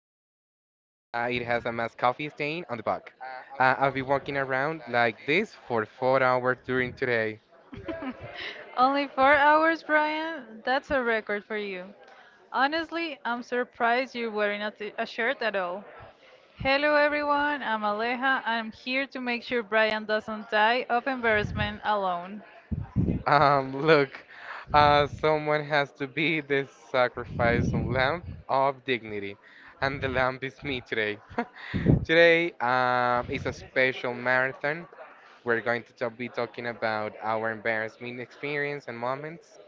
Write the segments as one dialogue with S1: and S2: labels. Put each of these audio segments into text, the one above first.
S1: has a mass coffee stain on the back. I've been walking around like this for 4 hours during today.
S2: Only 4 hours, Brian? That's a record for you. Honestly, I'm surprised you're wearing a, t- a shirt at all. Hello, everyone. I'm Aleja. I'm here to make sure Brian doesn't die of embarrassment alone.
S1: Look, someone has to be the sacrifice and lamb of dignity, and the lamb is me today. Today is a special marathon. We're going to talk, be talking about our embarrassment experience and moments.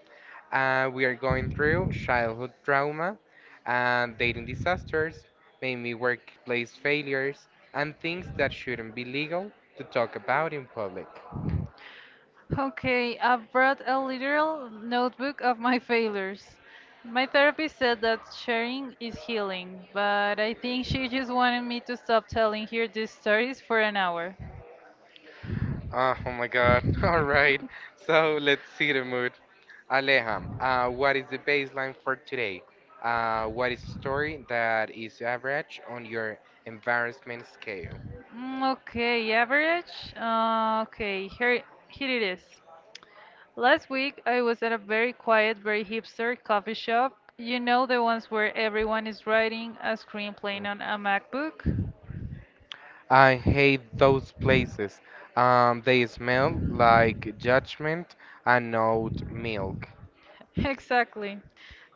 S1: We are going through childhood trauma, and dating disasters, maybe workplace failures, and things that shouldn't be legal to talk about in public.
S2: Okay, I brought a literal notebook of my failures. My therapist said that sharing is healing, but I think she just wanted me to stop telling her these stories for an hour.
S1: Oh my God. All right. So let's see the mood. Aleja, what is the baseline for today? What is a story that is average on your embarrassment scale?
S2: Mm, okay, average. Okay, here it is. Last week I was at a very quiet, very hipster coffee shop. You know the ones where everyone is writing a screenplay on a MacBook?
S1: I hate those places. They smell like judgment and oat milk.
S2: Exactly.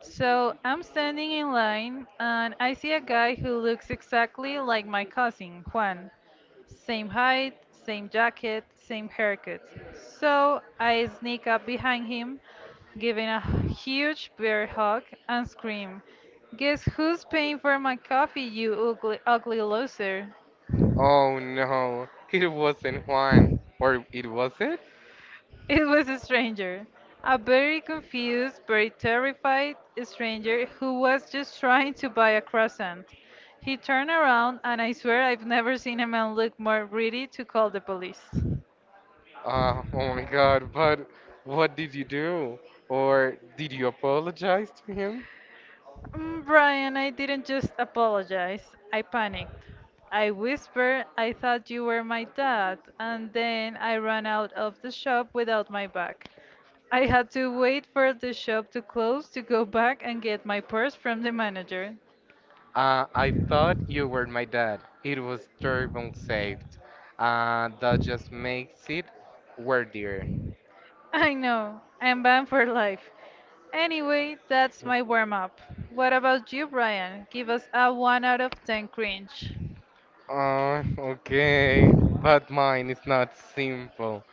S2: So I'm standing in line and I see a guy who looks exactly like my cousin, Juan. Same height, same jacket, same haircut. So I sneak up behind him, giving a huge bear hug and scream, "Guess who's paying for my coffee, you ugly, ugly loser?"
S1: Oh no, it wasn't Juan. Or it was it?
S2: It was a stranger, a very confused, very terrified stranger who was just trying to buy a croissant. He turned around, and I swear I've never seen a man look more ready to call the police.
S1: Oh my God, but what did you do? Or did you apologize to him?
S2: "Mm, Brian, I didn't just apologize. I panicked. I whispered, 'I thought you were my dad,' and then I ran out of the shop without my bag. I had to wait for the shop to close to go back and get my purse from the manager.
S1: I thought you were my dad. It was terrible saved. That just makes it worthier.
S2: I know, I'm banned for life. Anyway, that's my warm up. What about you, Brian? Give us a 1 out of 10 cringe.
S1: Okay, but mine is not simple.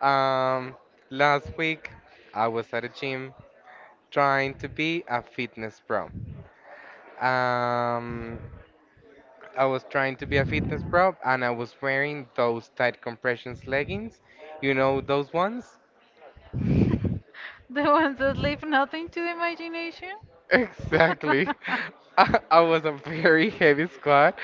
S1: Um, Last week I was at a gym trying to be a fitness pro. Um, I was trying to be a fitness pro and I was wearing those tight compressions leggings. You know those ones?
S2: The ones that leave nothing to the imagination?
S1: Exactly. I was a very heavy squat,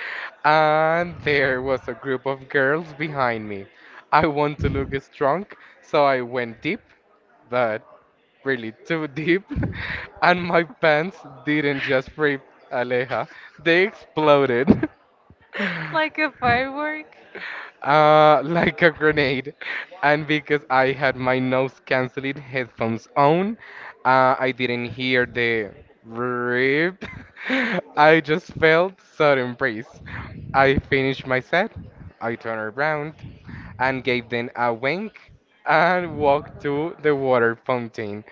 S1: and there was a group of girls behind me. I want to look strong, so I went deep, but really too deep, and my pants didn't just rip, Aleja, they exploded.
S2: Like a firework?
S1: Like a grenade. And because I had my nose canceling headphones on, I didn't hear the rip. I just felt sudden breeze. I finished my set. I turned around and gave them a wink and walked to the water fountain.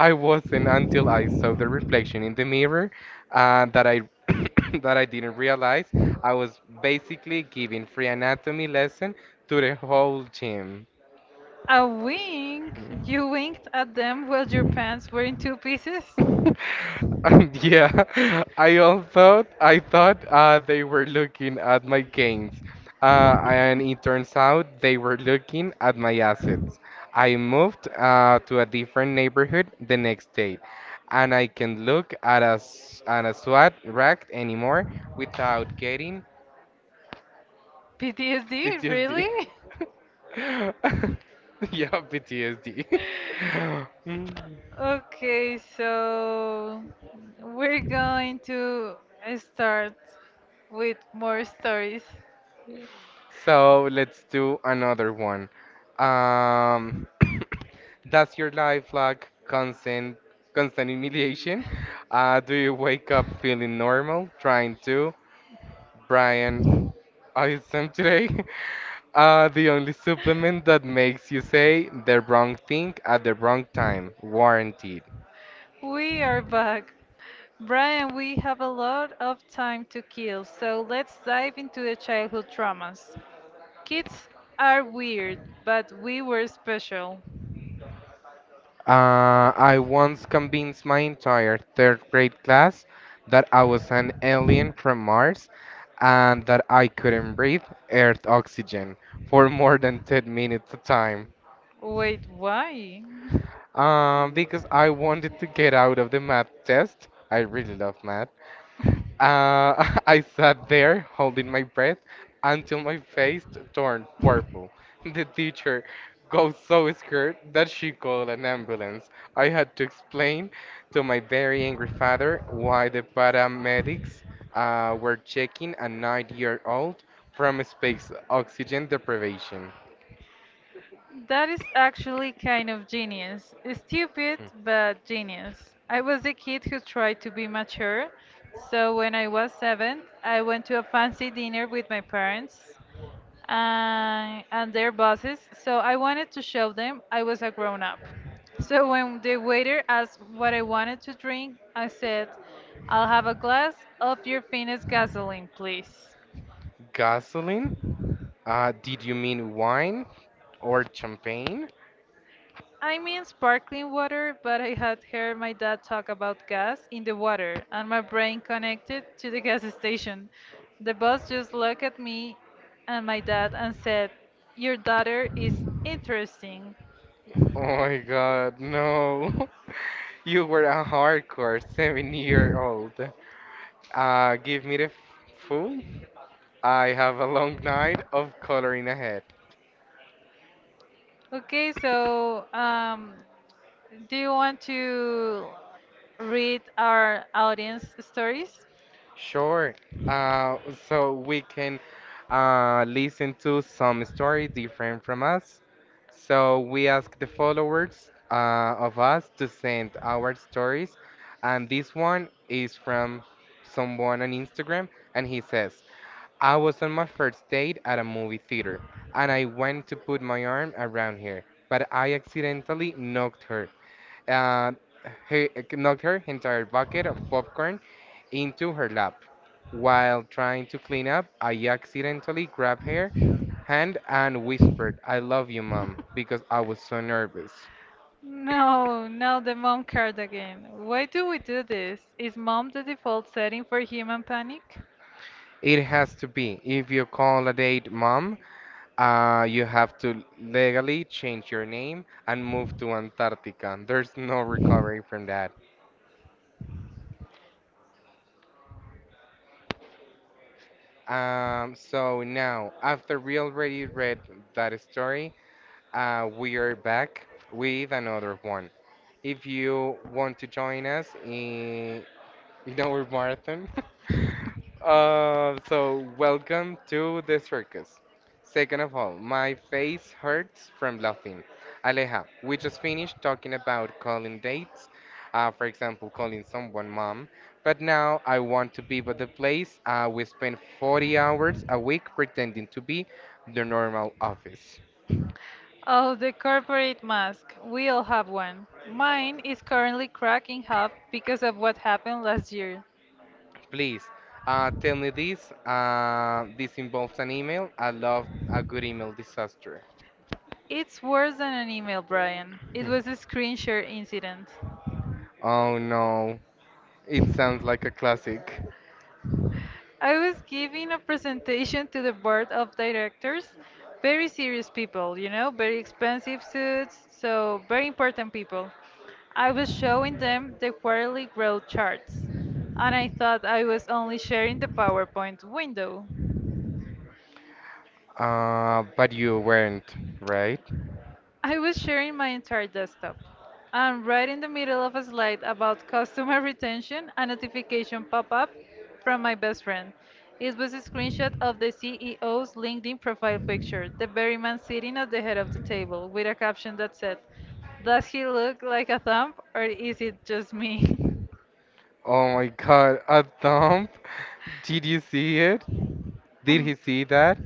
S1: I wasn't until I saw the reflection in the mirror that I That I didn't realize I was basically giving free anatomy lesson to the whole gym.
S2: A wink? You winked at them while your pants were in two pieces?
S1: And yeah, I also I thought they were looking at my gains, and it turns out they were looking at my assets. I moved to a different neighborhood the next day, and I can't look at a SWAT rack anymore without getting
S2: PTSD?
S1: PTSD.
S2: Really?
S1: Yeah, PTSD. Mm.
S2: Okay, so we're going to start with more stories.
S1: So let's do another one. Um, does your life lack constant humiliation? Do you wake up feeling normal, trying to? Brian, I am today. The only supplement that makes you say the wrong thing at the wrong time, warranted.
S2: We are back. Brian, we have a lot of time to kill, so let's dive into the childhood traumas. Kids are weird, but we were special.
S1: I once convinced my entire third grade class that I was an alien from Mars and that I couldn't breathe Earth oxygen for more than 10 minutes a time.
S2: Wait, why?
S1: Because I wanted to get out of the math test. I really love math. I sat there holding my breath until my face turned purple. The teacher got so scared that she called an ambulance. I had to explain to my very angry father why the paramedics were checking a nine-year-old from space oxygen deprivation.
S2: That is actually kind of genius. Stupid, but genius. I was the kid who tried to be mature, so when I was seven, I went to a fancy dinner with my parents and their bosses, so I wanted to show them I was a grown up. So when the waiter asked what I wanted to drink, I said, "I'll have a glass of your finest gasoline, please."
S1: Gasoline? Did you mean wine or champagne?
S2: I mean sparkling water, but I had heard my dad talk about gas in the water, and my brain connected to the gas station. The boss just looked at me and my dad and said, "Your daughter is interesting."
S1: Oh my God, no. You were a hardcore 7 year old. Give me the food. I have a long night of coloring ahead.
S2: Okay, so do you want to read our audience stories?
S1: Sure. Uh, so we can listen to some story different from us. So we ask the followers of us to send our stories. And this one is from someone on Instagram. And he says, I was on my first date at a movie theater, and I went to put my arm around her, but I accidentally uh, knocked her entire bucket of popcorn into her lap. While trying to clean up, I accidentally grabbed her hand and whispered, "I love you, mom," because I was so nervous.
S2: No, not the mom card again. Why do we do this? Is mom the default setting for human panic?
S1: It has to be. If you call a date, mom, you have to legally change your name and move to Antarctica. There's no recovery from that. So now, after we already read that story, we are back with another one. If you want to join us in our marathon, so welcome to the circus. Second of all, my face hurts from laughing. Aleja, we just finished talking about calling dates, for example, calling someone mom, but now I want to be at the place we spend 40 hours a week pretending to be the normal office.
S2: Oh, the corporate mask. We all have one. Mine is currently cracking up because of what happened last year.
S1: Please, tell me this. This involves an email. I love a good email disaster.
S2: It's worse than an email, Brian. It
S1: Hmm.
S2: was a screen share incident.
S1: Oh no, it sounds like a classic.
S2: I was giving a presentation to the board of directors. Very serious people, you know, very expensive suits, so very important people. I was showing them the quarterly growth charts, and I thought I was only sharing the PowerPoint window.
S1: But you weren't, right?
S2: I was sharing my entire desktop. I'm right in the middle of a slide about customer retention, a notification pop up from my best friend. It was a screenshot of the CEO's LinkedIn profile picture, the very man sitting at the head of the table, with a caption that said, "Does he look like a thumb, or is it just me?"
S1: Oh my God, a thump? Did you see it? Did he see that?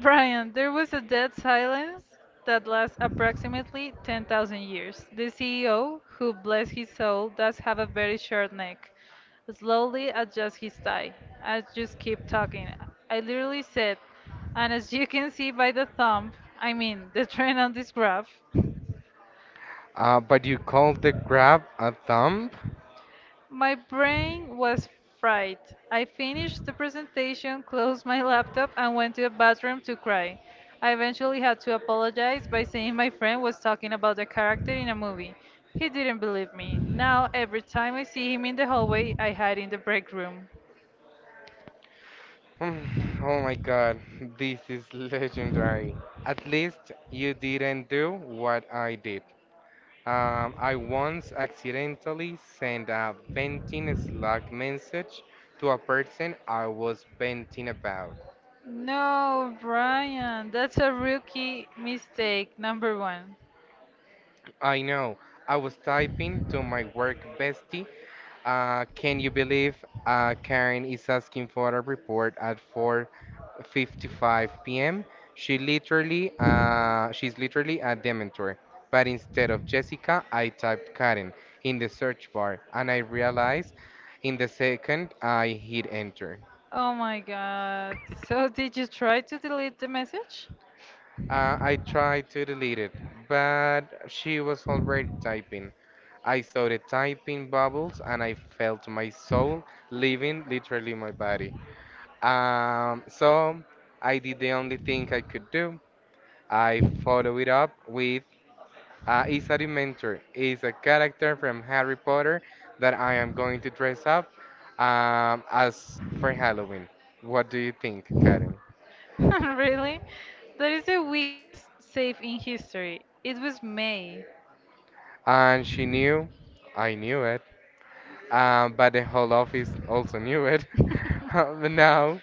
S2: Brian, there was a dead silence that lasts approximately 10,000 years. The CEO, who bless his soul, does have a very short neck, slowly adjusts his tie. I just keep talking. I literally said, "And as you can see by the thumb, I mean the trend on this graph,"
S1: But you called the grab a thump?
S2: my brain was fried. I finished the presentation, closed my laptop, and went to the bathroom to cry. I eventually had to apologize by saying my friend was talking about a character in a movie. He didn't believe me. Now, every time I see him in the hallway, I hide in the break room.
S1: Hmm, oh my God, this is legendary. At least you didn't do what I did. I once accidentally sent a venting Slack message to a person I was venting about.
S2: No, Brian, that's a rookie mistake, number one.
S1: I know, I was typing to my work bestie. Can you believe Karen is asking for a report at 4:55 p.m.? She's literally a dementor. But instead of Jessica, I typed Karen in the search bar, and I realized in the second I hit enter.
S2: Oh my god. So, did you try to delete the message?
S1: I tried to delete it, but she was already typing. I saw the typing bubbles, and I felt my soul leaving literally my body. So I did the only thing I could do. I follow it up with is a Dementor. Is a character from Harry Potter that I am going to dress up as for Halloween. What do you think, Karen?
S2: Really? That is the weakest save in history. It was May.
S1: And she knew. I knew but the whole office also knew it. But now,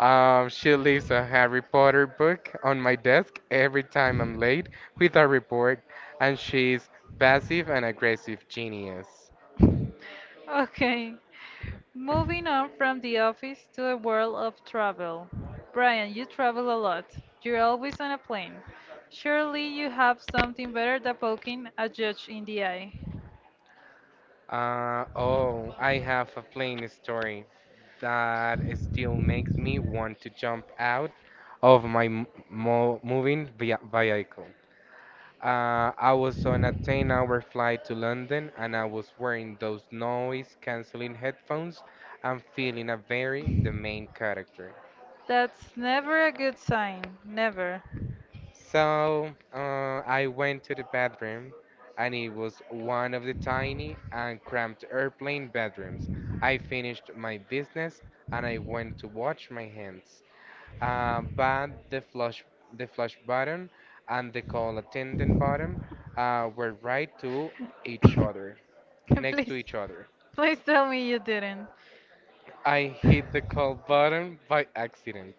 S1: she leaves a Harry Potter book on my desk every time I'm late with a report, and she's passive and aggressive genius.
S2: Okay. Moving on from the office to a world of travel. Brian, you travel a lot. You're always on a plane. Surely you have something better than poking a judge in the eye.
S1: Oh, I have a plain story that still makes me want to jump out of my m- mo moving via vehicle. I was on a 10-hour flight to London and I was wearing those noise-canceling headphones and feeling a very the main character.
S2: That's never a good sign. Never.
S1: So I went to the bathroom and it was one of the tiny and cramped airplane bedrooms. I finished my business and I went to wash my hands. But the flush button and the call attendant button were right to each other. Next to
S2: Please,
S1: each other.
S2: please tell me you didn't.
S1: I hit the call button by accident,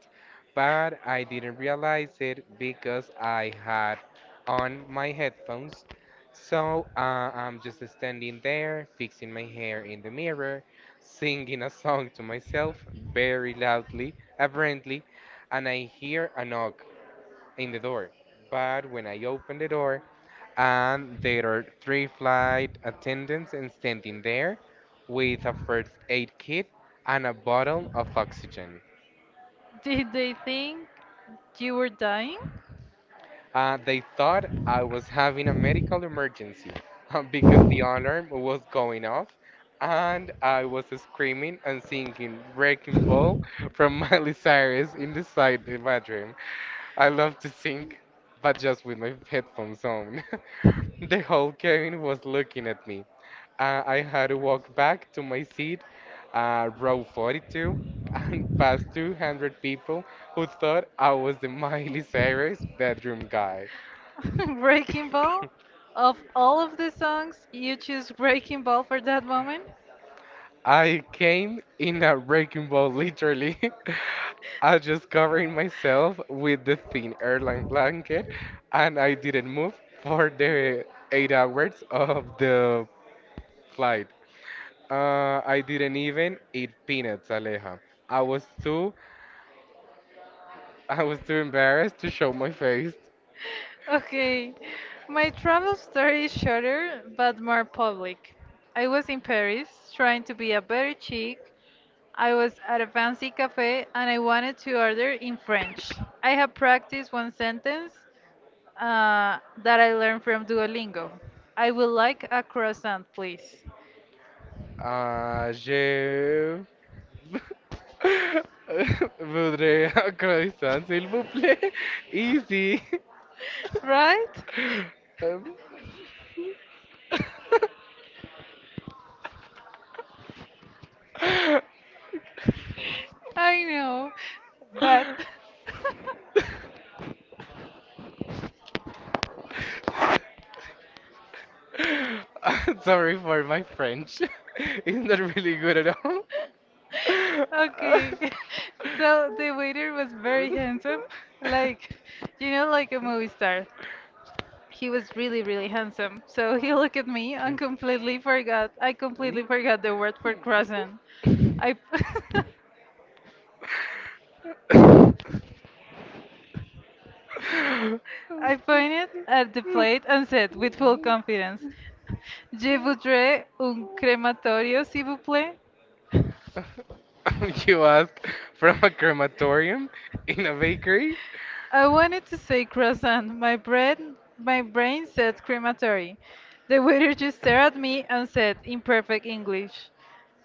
S1: but I didn't realize it because I had on my headphones. So I'm just standing there, fixing my hair in the mirror, singing a song to myself very loudly, apparently, and I hear a knock in the door. But when I open the door, and there are three flight attendants and standing there with a first aid kit and a bottle of oxygen.
S2: Did they think you were dying?
S1: They thought I was having a medical emergency because the alarm was going off and I was screaming and singing Wrecking Ball from Miley Cyrus in the side of my bedroom. I love to sing, but just with my headphones on. The whole cabin was looking at me. I had to walk back to my seat, row 42, and past 200 people who thought I was the Miley Cyrus bedroom guy.
S2: Breaking Ball? Of all of the songs, you choose Breaking Ball for that moment?
S1: I came in a wrecking ball, literally. I just covering myself with the thin airline blanket, and I didn't move for the 8 hours of the flight. I didn't even eat peanuts, Aleja. I was too I was too embarrassed to show my face.
S2: Okay, my travel story is shorter but more public. I was in Paris trying to be a better chick. I was at a fancy cafe and I wanted to order in French. I had practiced one sentence that I learned from Duolingo. I would like a croissant, please.
S1: Ah, je voudrais un croissant, s'il vous plaît. Easy.
S2: Right?
S1: Um,
S2: I know, but
S1: sorry for my French. It's not really good at all.
S2: okay. So the waiter was very handsome, like, you know, like a movie star. He was really, really handsome. So he looked at me and completely forgot. I
S1: Mm.
S2: completely forgot the word for croissant. I, I pointed at the plate and said with full confidence, "Je voudrais un crematorio, s'il vous plaît."
S1: You ask from a crematorium in a bakery?
S2: I wanted to say croissant. My brain said crematory. The waiter just stared at me and said in perfect English,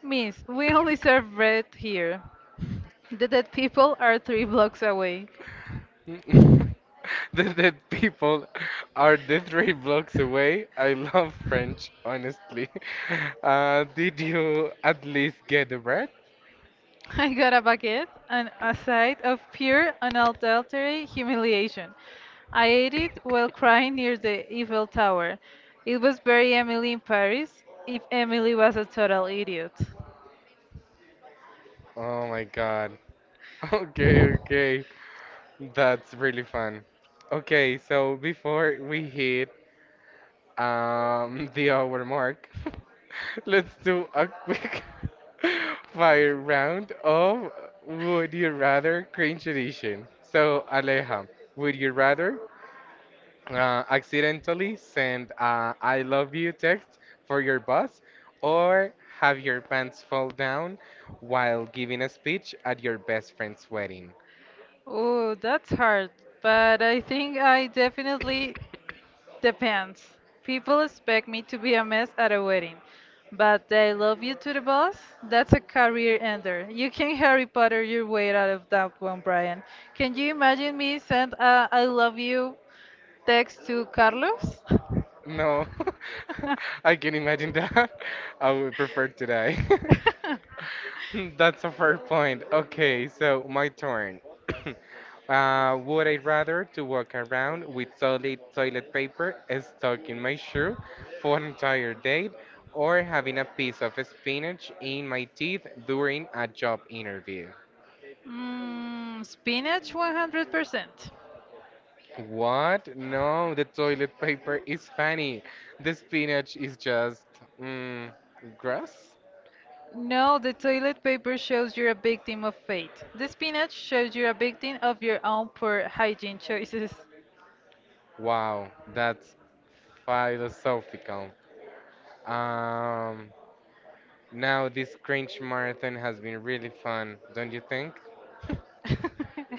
S2: "Miss, we only serve bread here. The dead people are three blocks away."
S1: Mm. The dead people are the three blocks away. I love French, honestly. Did you at least get the bread?
S2: I got a baguette and a sight of pure unadulterated humiliation. I ate it while crying near the Eiffel Tower. It was very Emily in Paris, if Emily was a total idiot.
S1: Oh my God. Okay, okay. That's really fun. Okay, so before we hit the hour mark, let's do a quick fire round of Would You Rather Cringe Edition. So, Aleja, would you rather accidentally send a I love you text for your boss or have your pants fall down while giving a speech at your best friend's wedding?
S2: Oh, that's hard, but I think I definitely depends. People expect me to be a mess at a wedding, but they love you to the boss. That's a career ender. You can Harry Potter your way out of that one, Brian. Can you imagine me send a I love you text to Carlos?
S1: No, I can imagine that. I would prefer to die. That's a fair point. Okay, so my turn. Would I rather to walk around with solid toilet paper stuck in my shoe for an entire day, or having a piece of spinach in my teeth during a job interview?
S2: Mm, spinach 100%.
S1: What? No, the toilet paper is funny. The spinach is just mm, grass.
S2: No, the toilet paper shows you're a victim of fate. The spinach shows you're a victim of your own poor hygiene choices.
S1: Wow, that's philosophical. Um, Now this cringe marathon has been really fun, don't you think?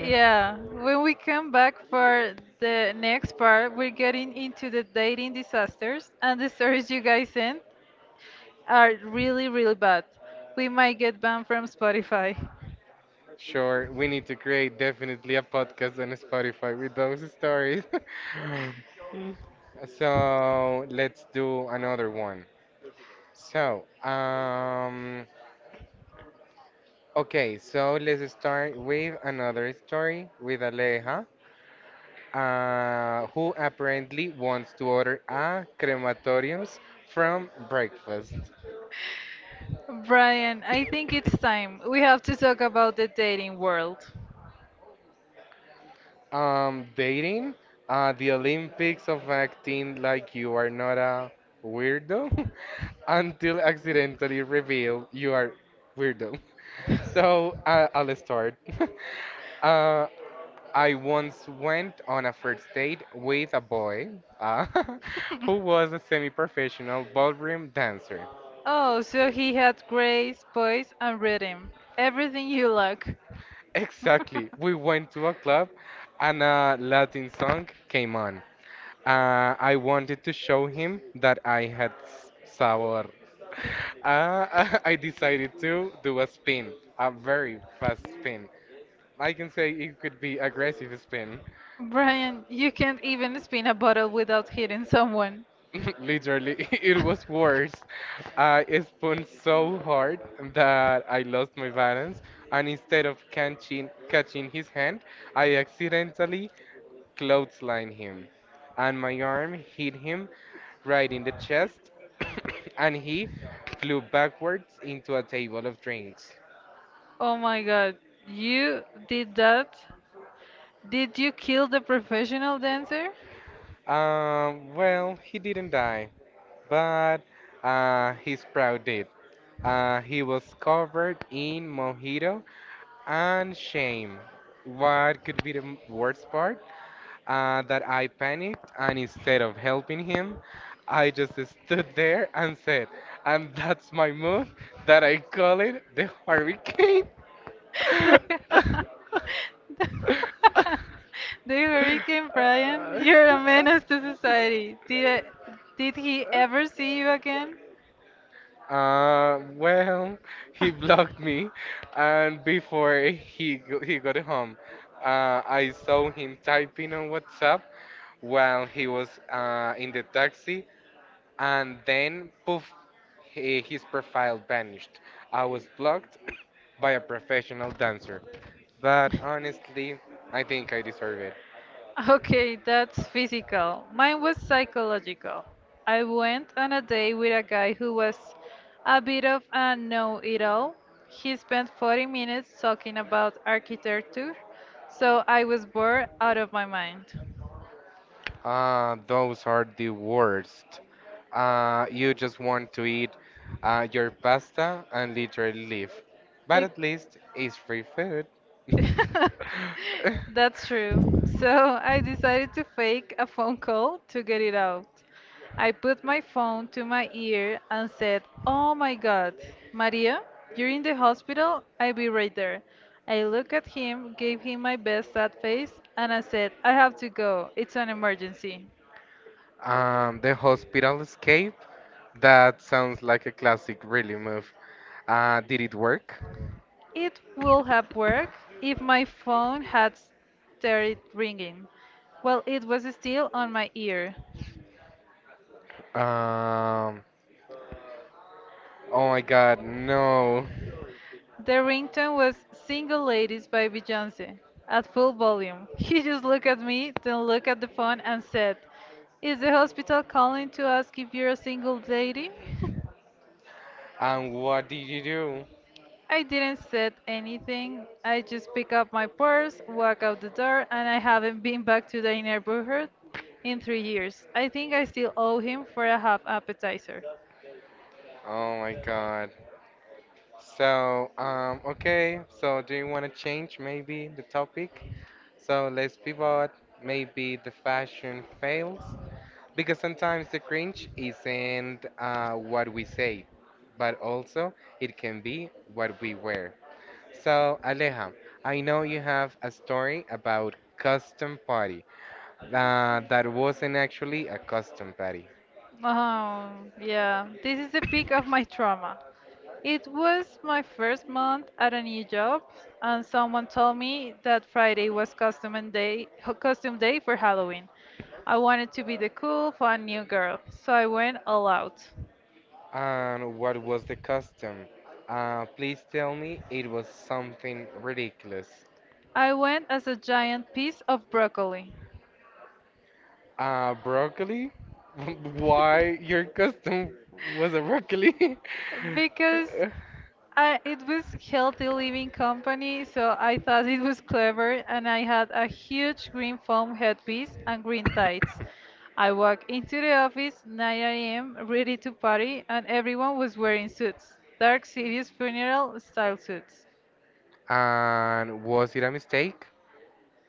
S2: Yeah, when we come back for the next part, we're getting into the dating disasters, and the stories you guys sent are really, really bad. We might get banned from Spotify.
S1: Sure, we need to create definitely a podcast on Spotify with those stories. So let's do another one. So, um, okay, so let's start with another story with Aleja, who apparently wants to order a crematoriums from breakfast.
S2: Brian, I think it's time. We have to talk about the dating world.
S1: Dating, the Olympics of acting like you are not a weirdo until accidentally revealed you are weirdo. So I'll start. uh, I once went on a first date with a boy uh, who was a semi-professional ballroom dancer.
S2: Oh, so he had grace, voice, and rhythm. Everything you lack.
S1: Exactly. We went to a club and a Latin song came on. I wanted to show him that I had sabor. I decided to do a spin, a very fast spin. I can say it could be aggressive spin.
S2: Brian, you can't even spin a bottle without hitting someone.
S1: Literally, it was worse. I spun so hard that I lost my balance, and instead of catching his hand, I accidentally clotheslined him, and my arm hit him right in the chest, and he flew backwards into a table of drinks.
S2: Oh my god, you did that? Did you kill the professional dancer?
S1: Well, he didn't die, but his proud did. He was covered in mojito and shame. What could be the worst part? That I panicked, and instead of helping him, I just stood there and said, and that's my move that I call it the hurricane.
S2: The, the Hurricane Brian, you're a menace to society. Did he ever see you again?
S1: Well, he blocked me, and before he got home,
S2: I
S1: I
S2: saw
S1: saw him
S2: the type
S1: typing on
S2: WhatsApp
S1: WhatsApp
S2: while
S1: while
S2: he
S1: he
S2: was
S1: was in the
S2: in
S1: taxi, and then poof, he, his profile vanished. I was blocked by a professional dancer, but honestly, I think I deserve it.
S2: a taxi. Okay, that's physical. Mine was psychological. I went on a date with a guy who was a bit of a know it all. He spent 40 minutes talking about architecture, so I was bored out of my mind.
S1: Those are the worst. You just want to eat your pasta and literally leave, but
S2: It-
S1: at least it's free food.
S2: that's true. So I decided to fake a phone call to get it out. I put my phone to my ear and said, "Oh my God, Maria, you're in the hospital? I'll be right there." I looked at him, gave him my best sad face, and I said, "I have to go. It's an emergency."
S1: The hospital escape. That sounds like a classic, really move. Did it work?
S2: It would have worked if my phone had started ringing. Well, it was still on my ear.
S1: Um, oh my God, no.
S2: The ringtone was Single Ladies by Beyoncé at full volume. He just looked at me, then looked at the phone and said, "Is the hospital calling to ask if you're a single lady?"
S1: And what did you do?
S2: I didn't said anything. I just pick up my purse, walk out the door, and I haven't been back to the neighborhood in 3 years. I think I still owe him for a half appetizer.
S1: Oh my God. Okay. So, do you want to change maybe the topic? So let's pivot. Maybe the fashion fails because sometimes the cringe isn't what we say, but also it can be what we wear. So Aleja, I know you have a story about custom party that wasn't actually a custom party.
S2: Oh, yeah. This is the peak of my trauma. It was my first month at a new job, and someone told me that Friday was costume and day, ho- costume day for Halloween. I wanted to be the cool, fun new girl, so I went all out.
S1: And what was the custom? Please tell me it was something ridiculous.
S2: I went as a giant piece of broccoli
S1: Broccoli? Why your custom was a broccoli?
S2: because I, it was healthy living company, so I thought it was clever, and I had a huge green foam headpiece and green tights. I walked into the office 9 a.m. ready to party, and everyone was wearing suits, dark serious funeral style suits.
S1: And was it a mistake?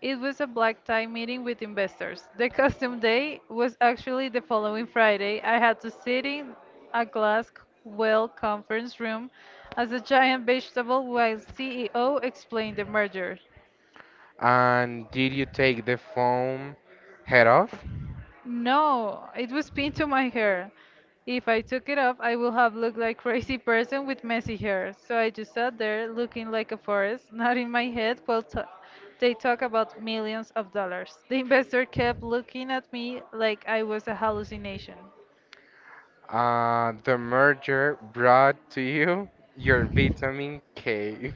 S2: It was a black tie meeting with investors. The custom day was actually the following Friday. I had to sit in a glass well conference room as a giant vegetable while CEO explained the merger.
S1: And did you take the foam head off?
S2: No, it was pinned to my hair. If I took it off, I would have looked like crazy person with messy hair. So I just sat there looking like a forest, nodding my head while they talk about millions of dollars. The investor kept looking at me like I was a hallucination.
S1: The merger brought to you your vitamin K.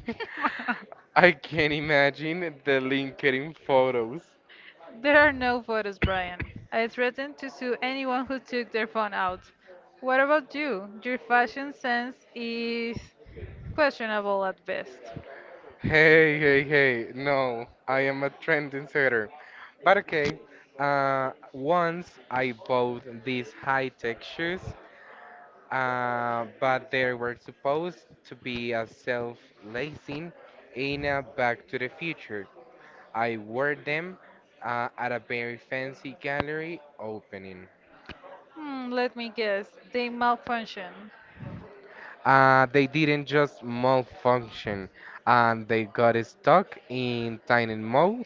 S1: I can imagine the LinkedIn photos.
S2: There are no photos, Brian. I threatened to sue anyone who took their phone out. What about you? Your fashion sense is questionable at best.
S1: Hey, hey, hey. No, I am a trending setter. But okay, once I bought these high-tech shoes, but they were supposed to be a self-lacing in a Back to the Future. I wore them at a very fancy gallery opening.
S2: Hmm, let me guess. They malfunction.
S1: They didn't just malfunction, and they got stuck in tiny mode.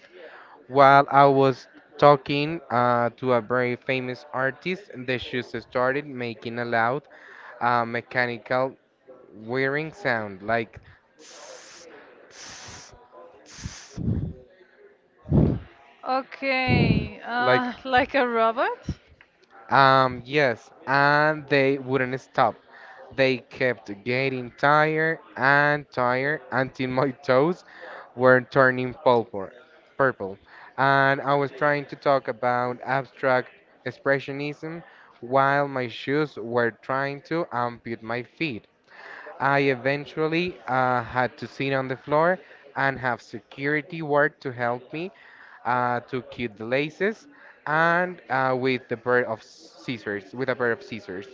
S1: While I was talking to a very famous artist, the shoes started making a loud mechanical whirring sound, like tss, tss, tss,
S2: Okay,
S1: like
S2: like a robot?
S1: yes, and they wouldn't stop. They kept getting tired and tired until my toes were turning purple. And I was trying to talk about abstract expressionism while my shoes were trying to amputate my feet. I eventually had to sit on the floor and have security work to help me to keep the laces and with a pair of scissors.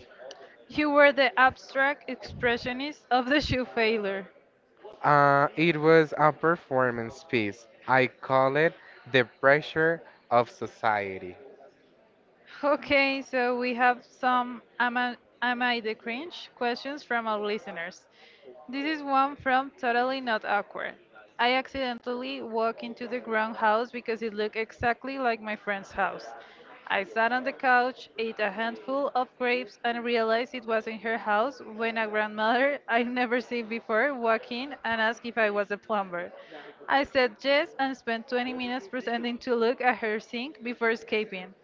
S2: You were the abstract expressionist of the shoe failure.
S1: It was a performance piece. I call it The Pressure of Society.
S2: Okay, so we have some am I the cringe questions from our listeners. This is one from Totally Not Awkward. I accidentally walked into the ground house because it looked exactly like my friend's house. I sat on the couch, ate a handful of grapes, and realized it wasn't her house when a grandmother I've never seen before walked in and asked if I was a plumber. I said yes and spent 20 minutes pretending to look at her sink before escaping.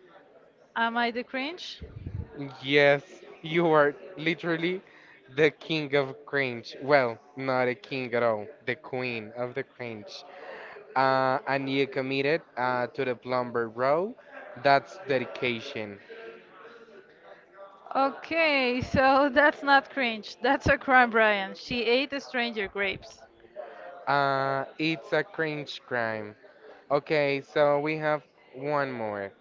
S2: Am I the cringe?
S1: Yes, you are literally the king of cringe. Well, not a king at all, the queen of the cringe. And you committed to the plumber row. That's dedication.
S2: Okay, so that's not cringe. That's a crime, Brian. She ate the stranger grapes.
S1: It's a cringe crime. Okay, so we have one more.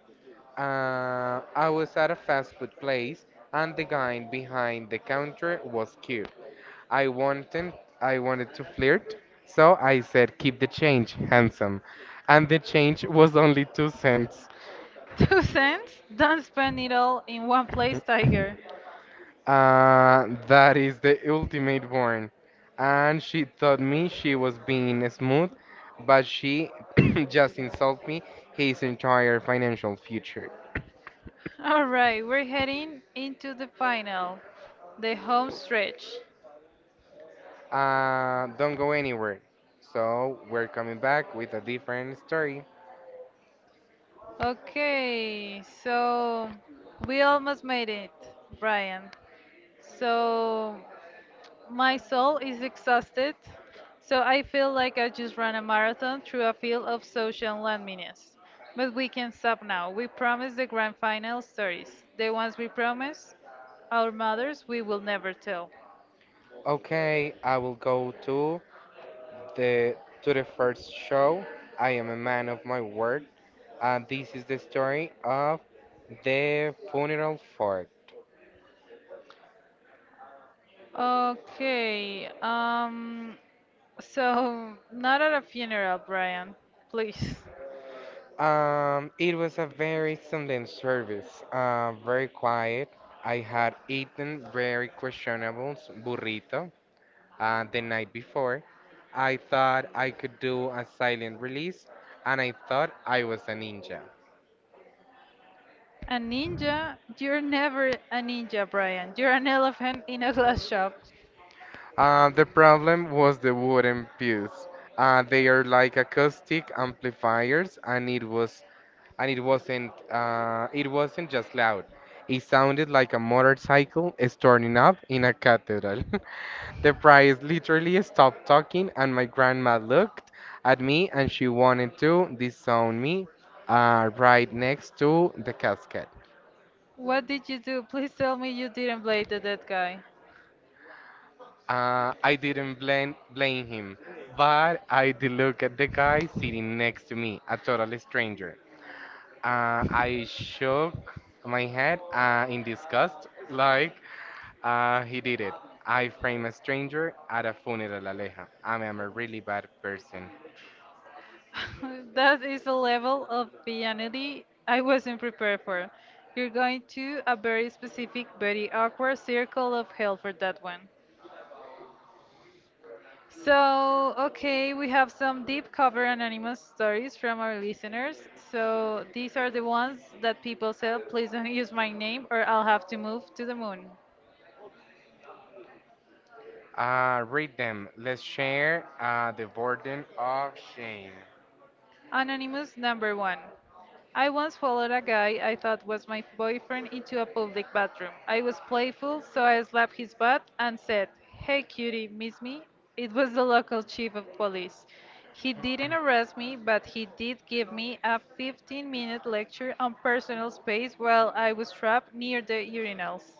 S1: I was at a fast food place and the guy behind the counter was cute. I wanted I wanted to flirt, so I said, "Keep the change, handsome." And the change was only 2 cents.
S2: 2 cents? Don't spend it all in one place, Tiger.
S1: That is the ultimate warn. And she thought me she was being smooth, but she just insulted me his entire financial future.
S2: Alright, we're heading into the home stretch.
S1: Don't go anywhere. So we're coming back with a different story.
S2: Okay, so we almost made it, Brian. So my soul is exhausted, so I feel like I just ran a marathon through a field of social loneliness. But we can stop now. We promised the grand final stories, the ones we promised our mothers we will never tell.
S1: Okay, I will go the to the first show. I am a man of my word. This is the story of the funeral fork.
S2: Okay, so not at a funeral, Brian, please.
S1: It was a very solemn service. Very quiet. I had eaten very questionable burrito the night before, I thought I could do a silent release and I thought I was a ninja.
S2: A ninja? You're never a ninja, Brian. You're an elephant in a glass shop.
S1: The problem was the wooden pews. They are like acoustic amplifiers and it wasn't just loud. It sounded like a motorcycle is turning up in a cathedral. The priest literally stopped talking, and my grandma looked at me, and she wanted to disown me right next to the casket.
S2: What did you do? Please tell me you didn't blade the dead guy.
S1: I didn't blame him, but I did look at the guy sitting next to me, a total stranger. I shook my head in disgust, like he did it. I frame a stranger at a funeral, Aleja. I am a really bad person.
S2: That is a level of vanity I wasn't prepared for. You're going to a very specific, very awkward circle of hell for that one. So, okay, we have some deep cover anonymous stories from our listeners. So, these are the ones that people said, please don't use my name or I'll have to move to the moon.
S1: Read them. Let's share the burden of shame.
S2: Anonymous number one. I once followed a guy I thought was my boyfriend into a public bathroom. I was playful, so I slapped his butt and said, "Hey cutie, miss me?" It was the local chief of police. He didn't arrest me, but he did give me a 15-minute minute lecture on personal space while I was trapped near the urinals.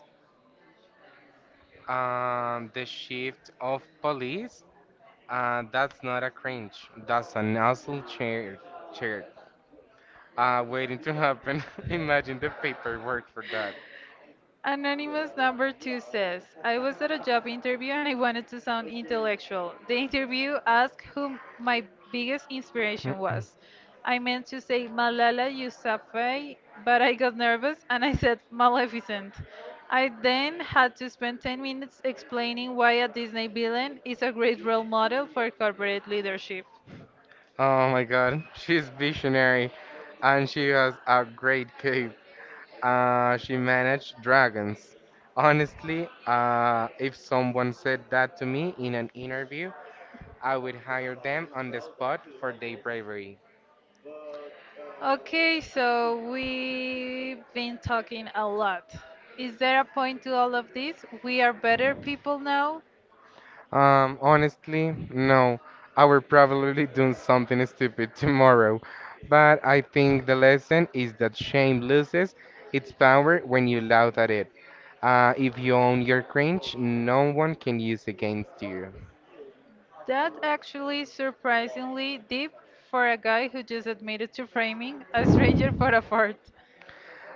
S1: The shift of police. That's not a cringe. That's a nozzle chair. Chair. Waiting to happen. Imagine the paperwork for that.
S2: Anonymous number two says, I was at a job interview and I wanted to sound intellectual. The interview asked who my biggest inspiration was. I meant to say Malala Yousafzai, but I got nervous and I said Maleficent. I then had to spend 10 minutes explaining why a Disney villain is a great role model for corporate leadership.
S1: Oh my god, she's visionary and she has a great cape. She managed dragons. Honestly, if someone said that to me in an interview, I would hire them on the spot for their bravery.
S2: Okay, so we've been talking a lot. Is there a point to all of this? We are better people now?
S1: Honestly, no. I will probably do something stupid tomorrow. But I think the lesson is that shame loses its power when you laugh at it. If you own your cringe, no one can use against you.
S2: That actually surprisingly deep for a guy who just admitted to framing a stranger for a fort.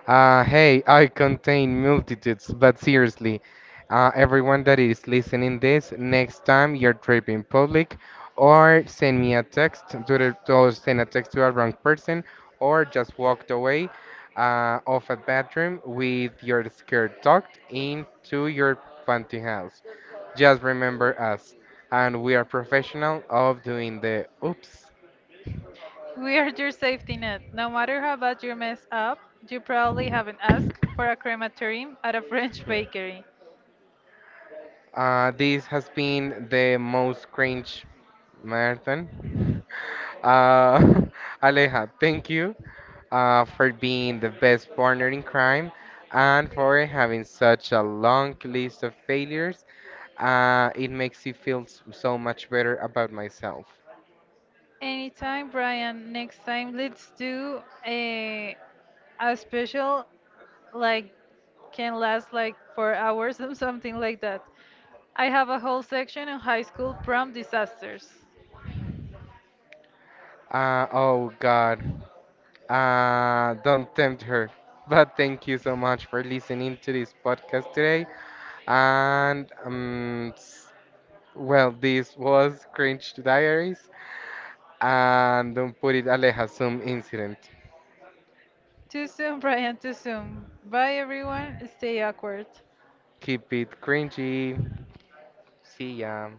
S1: Hey, I contain multitudes, but seriously, everyone that is listening this, next time you're tripping public, or send a text to a wrong person, or just walked away of a bathroom with your skirt tucked into your pantyhose. Just remember us, and we are professional of doing the oops.
S2: We are your safety net. No matter how bad you mess up, you probably haven't asked for a crematorium at a French bakery.
S1: This has been the most cringe Merton. Uh, Aleja, thank you for being the best partner in crime and for having such a long list of failures. It makes me feel so much better about myself.
S2: Anytime, Brian. Next time, let's do a a special like can last like 4 hours or something like that. I have a whole section on high school prom disasters.
S1: Oh God. Don't tempt her. But thank you so much for listening to this podcast today. And well, this was Cringe Diaries. And don't put it Aleja some incident.
S2: Too soon, Brian. Too soon. Bye, everyone. Stay awkward.
S1: Keep it cringy. See ya.